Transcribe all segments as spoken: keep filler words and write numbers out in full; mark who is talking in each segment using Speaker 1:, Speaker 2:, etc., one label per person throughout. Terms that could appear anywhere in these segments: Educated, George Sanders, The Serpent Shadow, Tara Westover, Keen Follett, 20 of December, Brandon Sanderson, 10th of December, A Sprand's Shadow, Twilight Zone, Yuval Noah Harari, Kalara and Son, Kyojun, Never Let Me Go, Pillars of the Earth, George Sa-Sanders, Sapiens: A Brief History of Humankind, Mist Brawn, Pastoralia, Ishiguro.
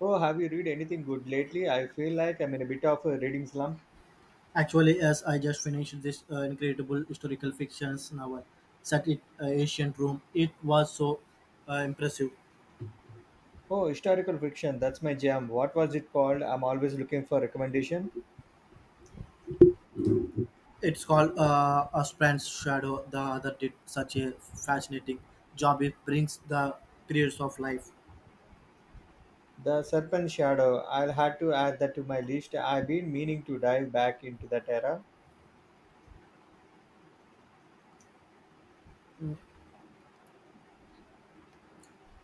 Speaker 1: Oh, have you read anything good lately? I feel like I'm in a bit of a reading slump.
Speaker 2: Actually, yes, I just finished this uh, incredible historical fictions novel set in uh, ancient Rome. It was so uh, impressive.
Speaker 1: Oh, historical fiction, that's my jam. What was it called? I'm always looking for recommendation.
Speaker 2: It's called uh, A Sprand's Shadow. The author did such a fascinating job. It brings the periods of life.
Speaker 1: The Serpent Shadow. I'll have to add that to my list. I've been meaning to dive back into that era.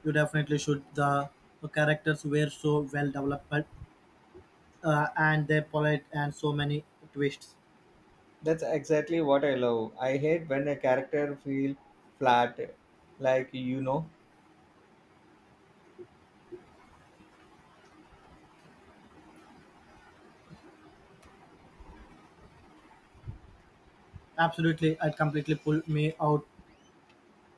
Speaker 2: You definitely should. The characters were so well developed, uh, and they polite and so many twists.
Speaker 1: That's exactly what I love. I hate when a character feel flat, like you know.
Speaker 2: Absolutely, it completely pulled me out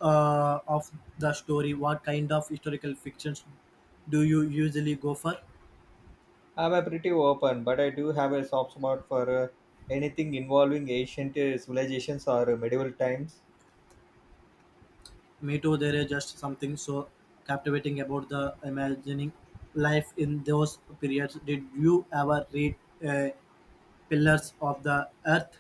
Speaker 2: uh, of the story. What kind of historical fictions do you usually go for?
Speaker 1: I'm a pretty open, but I do have a soft spot for uh, anything involving ancient uh, civilizations or medieval times.
Speaker 2: Me too, there is just something so captivating about the imagining life in those periods. Did you ever read uh, Pillars of the Earth?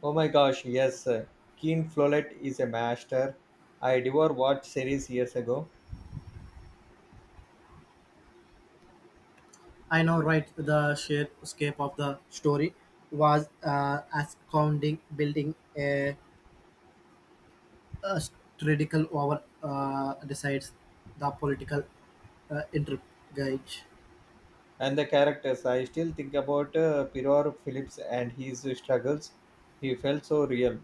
Speaker 1: Oh my gosh, yes. Keen Follett is a master. I devoured watch series years ago.
Speaker 2: I know, right? The sheer scope of the story was uh, astounding, building a, a critical over uh, decides the political uh, intrigue.
Speaker 1: And the characters, I still think about uh, Piror Phillips and his struggles. He felt so real.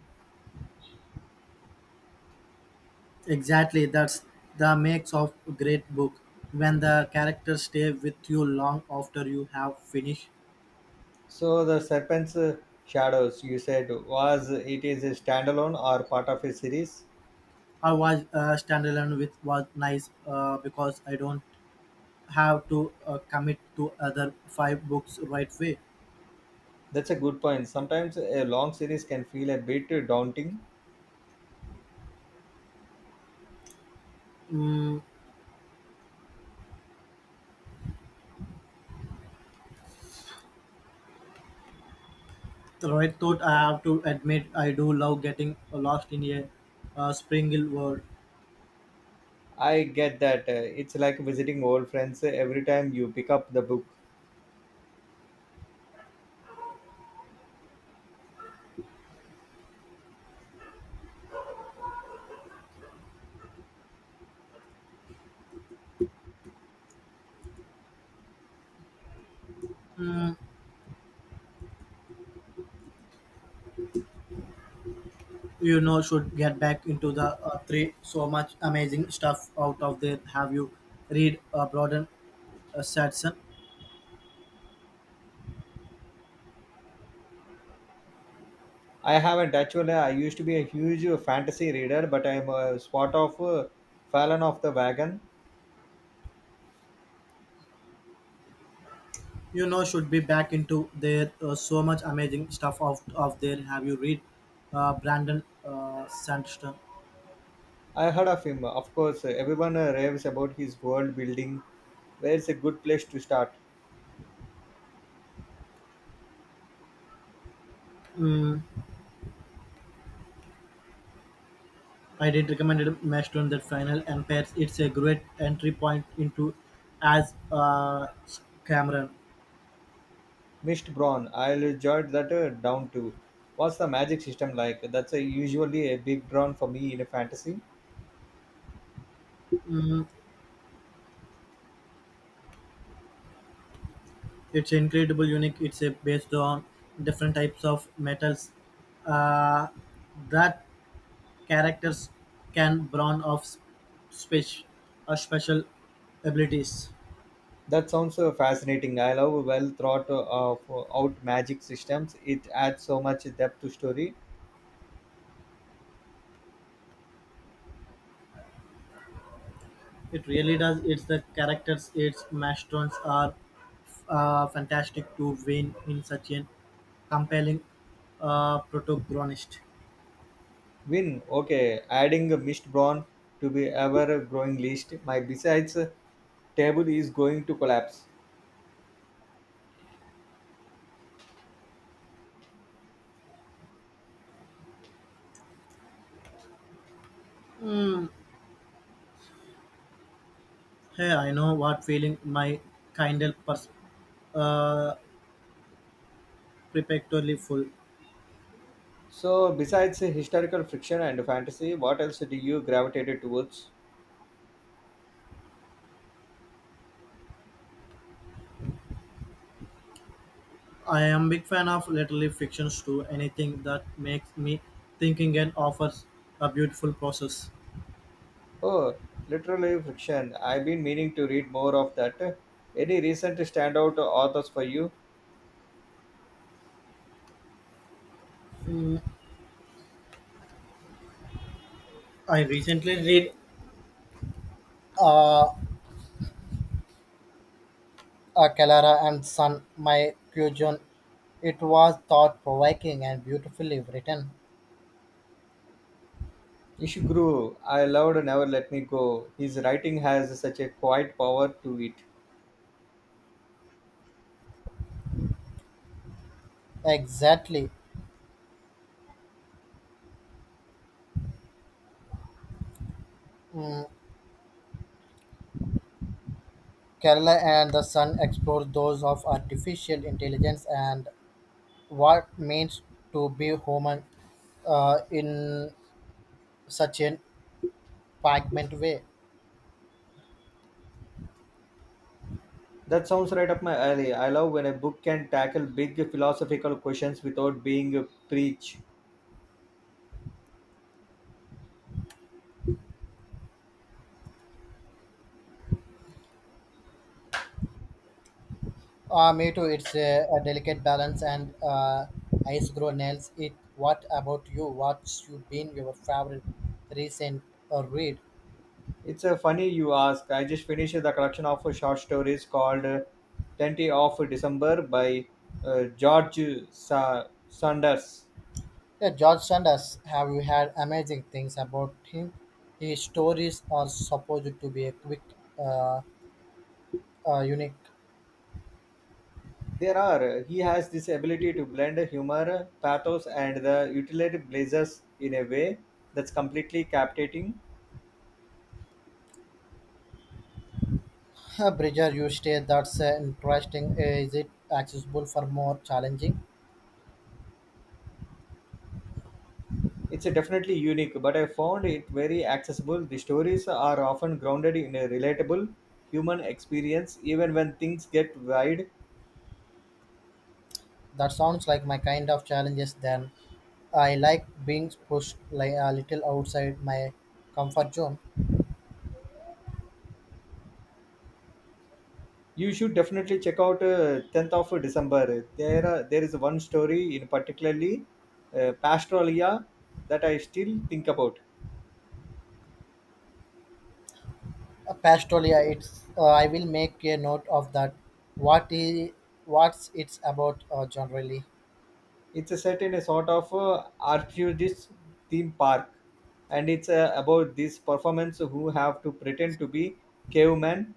Speaker 2: Exactly, that's the makes of a great book, when the characters stay with you long after you have finished.
Speaker 1: So the Serpent's uh, Shadows, you said, was it is a standalone or part of a series?
Speaker 2: I was uh, standalone with was nice uh, because I don't have to uh, commit to other five books right way.
Speaker 1: That's a good point. Sometimes a long series can feel a bit daunting.
Speaker 2: Mm, right thought I have to admit I do love getting lost in a uh, spring hill world.
Speaker 1: I get that. Uh, It's like visiting old friends every time you pick up the book.
Speaker 2: Mm, you know, should get back into the uh, three. So much amazing stuff out of there. Have you read uh, Broaden uh, Sadson?
Speaker 1: I haven't actually. I used to be a huge fantasy reader, but I'm a spot of uh, fallen off the wagon.
Speaker 2: You know should be back into there, uh, so much amazing stuff of of there. Have you read uh, brandon uh, sanderson.
Speaker 1: I heard of him. Of course, everyone uh, raves about his world building. Where's a good place to start?
Speaker 2: mm, I did recommend it Mastodon that final and pairs. It's a great entry point into as uh, cameron.
Speaker 1: Mist Brawn. I'll jot that uh, down too. What's the magic system like? That's uh, usually a big drawn for me in a fantasy.
Speaker 2: It's incredible unique. It's a based on different types of metals, uh, that characters can brown off spe- uh, special abilities.
Speaker 1: That sounds uh, fascinating. I love well thought uh, of uh, out magic systems. It adds so much depth to story.
Speaker 2: It really does. It's the characters, its masterons are uh, fantastic to win in such a compelling uh, protagonist.
Speaker 1: Win. Okay, adding Mist Brawn to be ever growing list. My besides table is going to collapse.
Speaker 2: Hey, I know what feeling. My kindle pers- uh, perpetually full.
Speaker 1: So besides historical fiction and fantasy, what else do you gravitated towards?
Speaker 2: I am big fan of literary fictions too. Anything that makes me thinking and offers a beautiful process.
Speaker 1: Oh, literally fiction. I've been meaning to read more of that. Any recent standout authors for you?
Speaker 2: I recently read uh, uh, Kalara and Son, my Kyojun. It was thought provoking and beautifully written.
Speaker 1: Ishiguro, I loved Never Let Me Go. His writing has such a quiet power to it.
Speaker 2: Exactly. Kerala and the Sun explore those of artificial intelligence and what means to be human uh, in such a fragment way.
Speaker 1: That sounds right up my alley. I love when a book can tackle big philosophical questions without being preach.
Speaker 2: Uh, me too, it's a, a delicate balance, and uh, ice grow nails it. What about you? What's you been your favorite recent uh, read?
Speaker 1: It's a funny you ask. I just finished the collection of short stories called uh, twentieth of December by uh, George Sa- Sanders.
Speaker 2: Yeah, George Sanders, have you heard amazing things about him? His stories are supposed to be a quick, uh, uh, unique.
Speaker 1: There are. He has this ability to blend humor, pathos, and the utility blazers in a way that's completely captivating.
Speaker 2: Uh, Bridger, you say that's uh, interesting. Uh, Is it accessible for more challenging?
Speaker 1: It's a definitely unique, but I found it very accessible. The stories are often grounded in a relatable human experience, even when things get wide.
Speaker 2: That sounds like my kind of challenges. Then I like being pushed like a little outside my comfort zone.
Speaker 1: You should definitely check out uh, tenth of December. There, are, there is one story in particularly uh, Pastoralia that I still think about.
Speaker 2: Uh, Pastolia, it's uh, I will make a note of that. What is what's it's about uh, generally?
Speaker 1: It's a set in a sort of uh, archaeologist theme park, and it's uh, about these performers who have to pretend to be cavemen.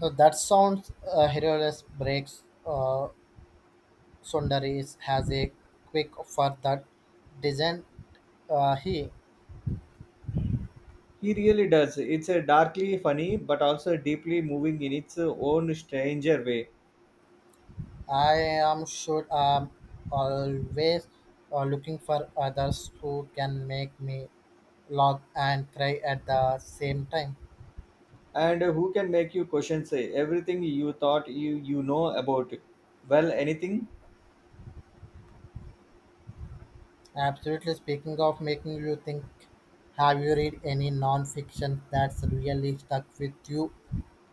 Speaker 2: Uh, that sounds uh, Herodes breaks, uh, Sundaris has a quick for that design. Uh, he,
Speaker 1: He really does. It's a darkly funny, but also deeply moving in its own stranger way.
Speaker 2: I am sure, um, always uh, looking for others who can make me laugh and cry at the same time.
Speaker 1: And who can make you question say everything you thought you you know about? Well, anything?
Speaker 2: Absolutely. Speaking of making you think, have you read any non-fiction that's really stuck with you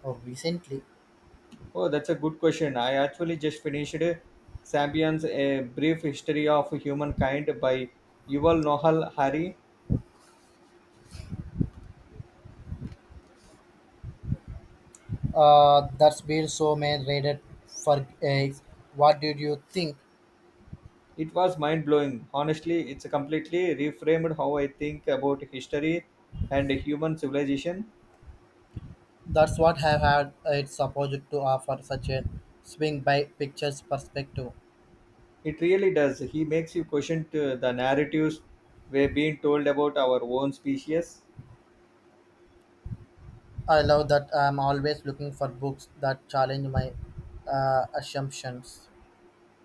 Speaker 2: uh, recently?
Speaker 1: Oh, that's a good question. I actually just finished *Sapiens: A Brief History of Humankind* by Yuval Noah Harari.
Speaker 2: Uh, that's been so many rated for eggs. What did you think?
Speaker 1: It was mind blowing. Honestly, it's completely reframed how I think about history and human civilization.
Speaker 2: That's what I had. It's supposed to offer such a swing by pictures perspective.
Speaker 1: It really does. He makes you question t- the narratives we are being told about our own species.
Speaker 2: I love that. I'm always looking for books that challenge my uh, assumptions.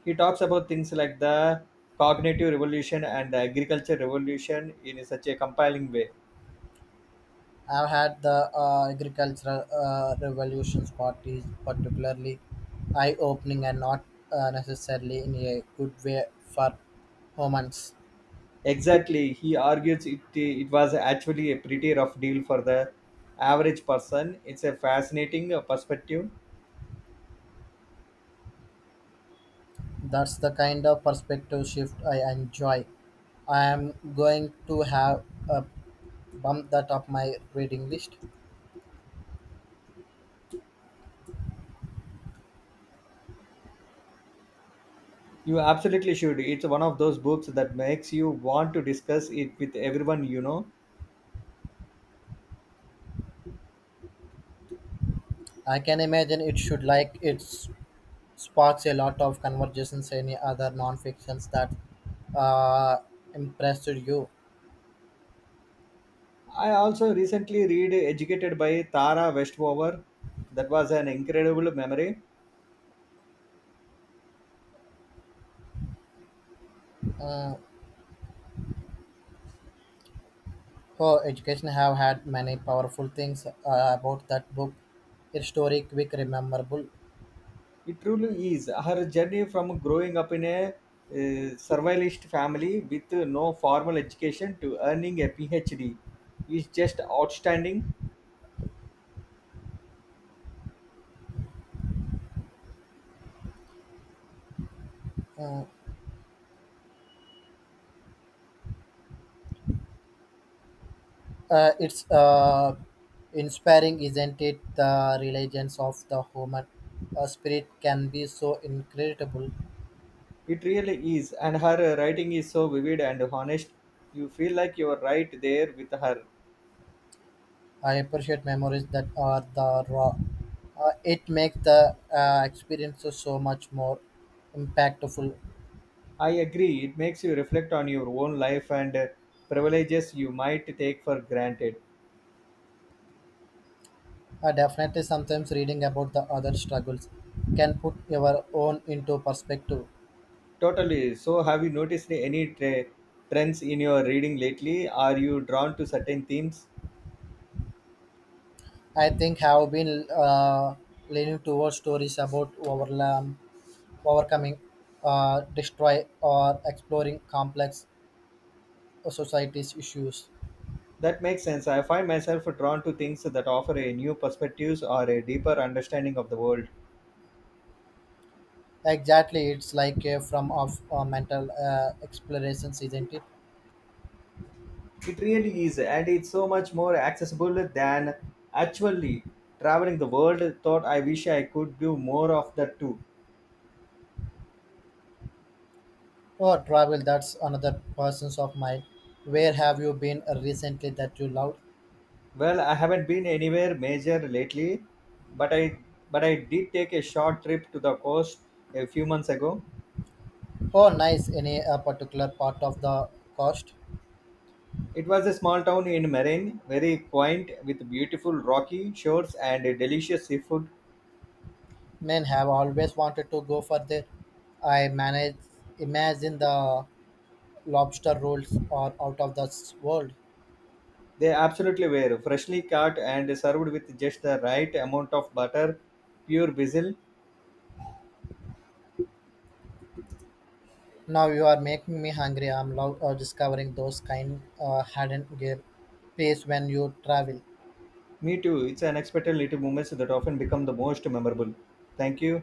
Speaker 1: He talks about things like the cognitive revolution and the agriculture revolution in such a compelling way.
Speaker 2: I've had the uh, agricultural uh, revolutions parties particularly eye-opening and not uh, necessarily in a good way for humans.
Speaker 1: Exactly. He argues it, it was actually a pretty rough deal for the average person. It's a fascinating uh, perspective.
Speaker 2: That's the kind of perspective shift I enjoy. I am going to have a bump that up my reading list.
Speaker 1: You absolutely should. It's one of those books that makes you want to discuss it with everyone you know.
Speaker 2: I can imagine it should like it s- sparks a lot of conversations. Any other non-fictions that uh, impressed you?
Speaker 1: I also recently read Educated by Tara Westover. That was an incredible memory.
Speaker 2: Mm, Oh, education have had many powerful things uh, about that book. Its story quick, rememberable.
Speaker 1: It truly is her journey from growing up in a uh, survivalist family with no formal education to earning a PhD is just outstanding.
Speaker 2: Mm, Uh, it's uh, inspiring, isn't it? The religions of the human uh, spirit can be so incredible.
Speaker 1: It really is, and her writing is so vivid and honest. You feel like you are right there with her.
Speaker 2: I appreciate memories that are the raw. Uh, it makes the uh, experiences so much more impactful.
Speaker 1: I agree. It makes you reflect on your own life and uh, privileges you might take for granted.
Speaker 2: Uh, definitely, sometimes reading about the other struggles can put your own into perspective.
Speaker 1: Totally. So, have you noticed any tra- trends in your reading lately? Are you drawn to certain themes?
Speaker 2: I think have been uh, leaning towards stories about overlam overcoming, uh, destroy, or exploring complex societies issues.
Speaker 1: That makes sense. I find myself drawn to things that offer a new perspectives or a deeper understanding of the world.
Speaker 2: Exactly, it's like a form of uh, mental uh, explorations, isn't it?
Speaker 1: It really is, and it's so much more accessible than actually traveling the world. Thought I wish I could do more of that too.
Speaker 2: Or travel, that's another person's of mine. Where have you been recently that you loved?
Speaker 1: Well, I haven't been anywhere major lately, but I but I did take a short trip to the coast a few months ago.
Speaker 2: Oh, nice. Any uh, particular part of the coast?
Speaker 1: It was a small town in Maine, very quaint with beautiful rocky shores and delicious seafood.
Speaker 2: Men have always wanted to go for their. I manage. Imagine the lobster rolls are out of this world.
Speaker 1: They absolutely were freshly caught and served with just the right amount of butter, pure basil.
Speaker 2: Now you are making me hungry. I'm love uh, discovering those kind uh, hidden gear place when you travel.
Speaker 1: Me too. It's unexpected little moments that often become the most memorable. Thank you.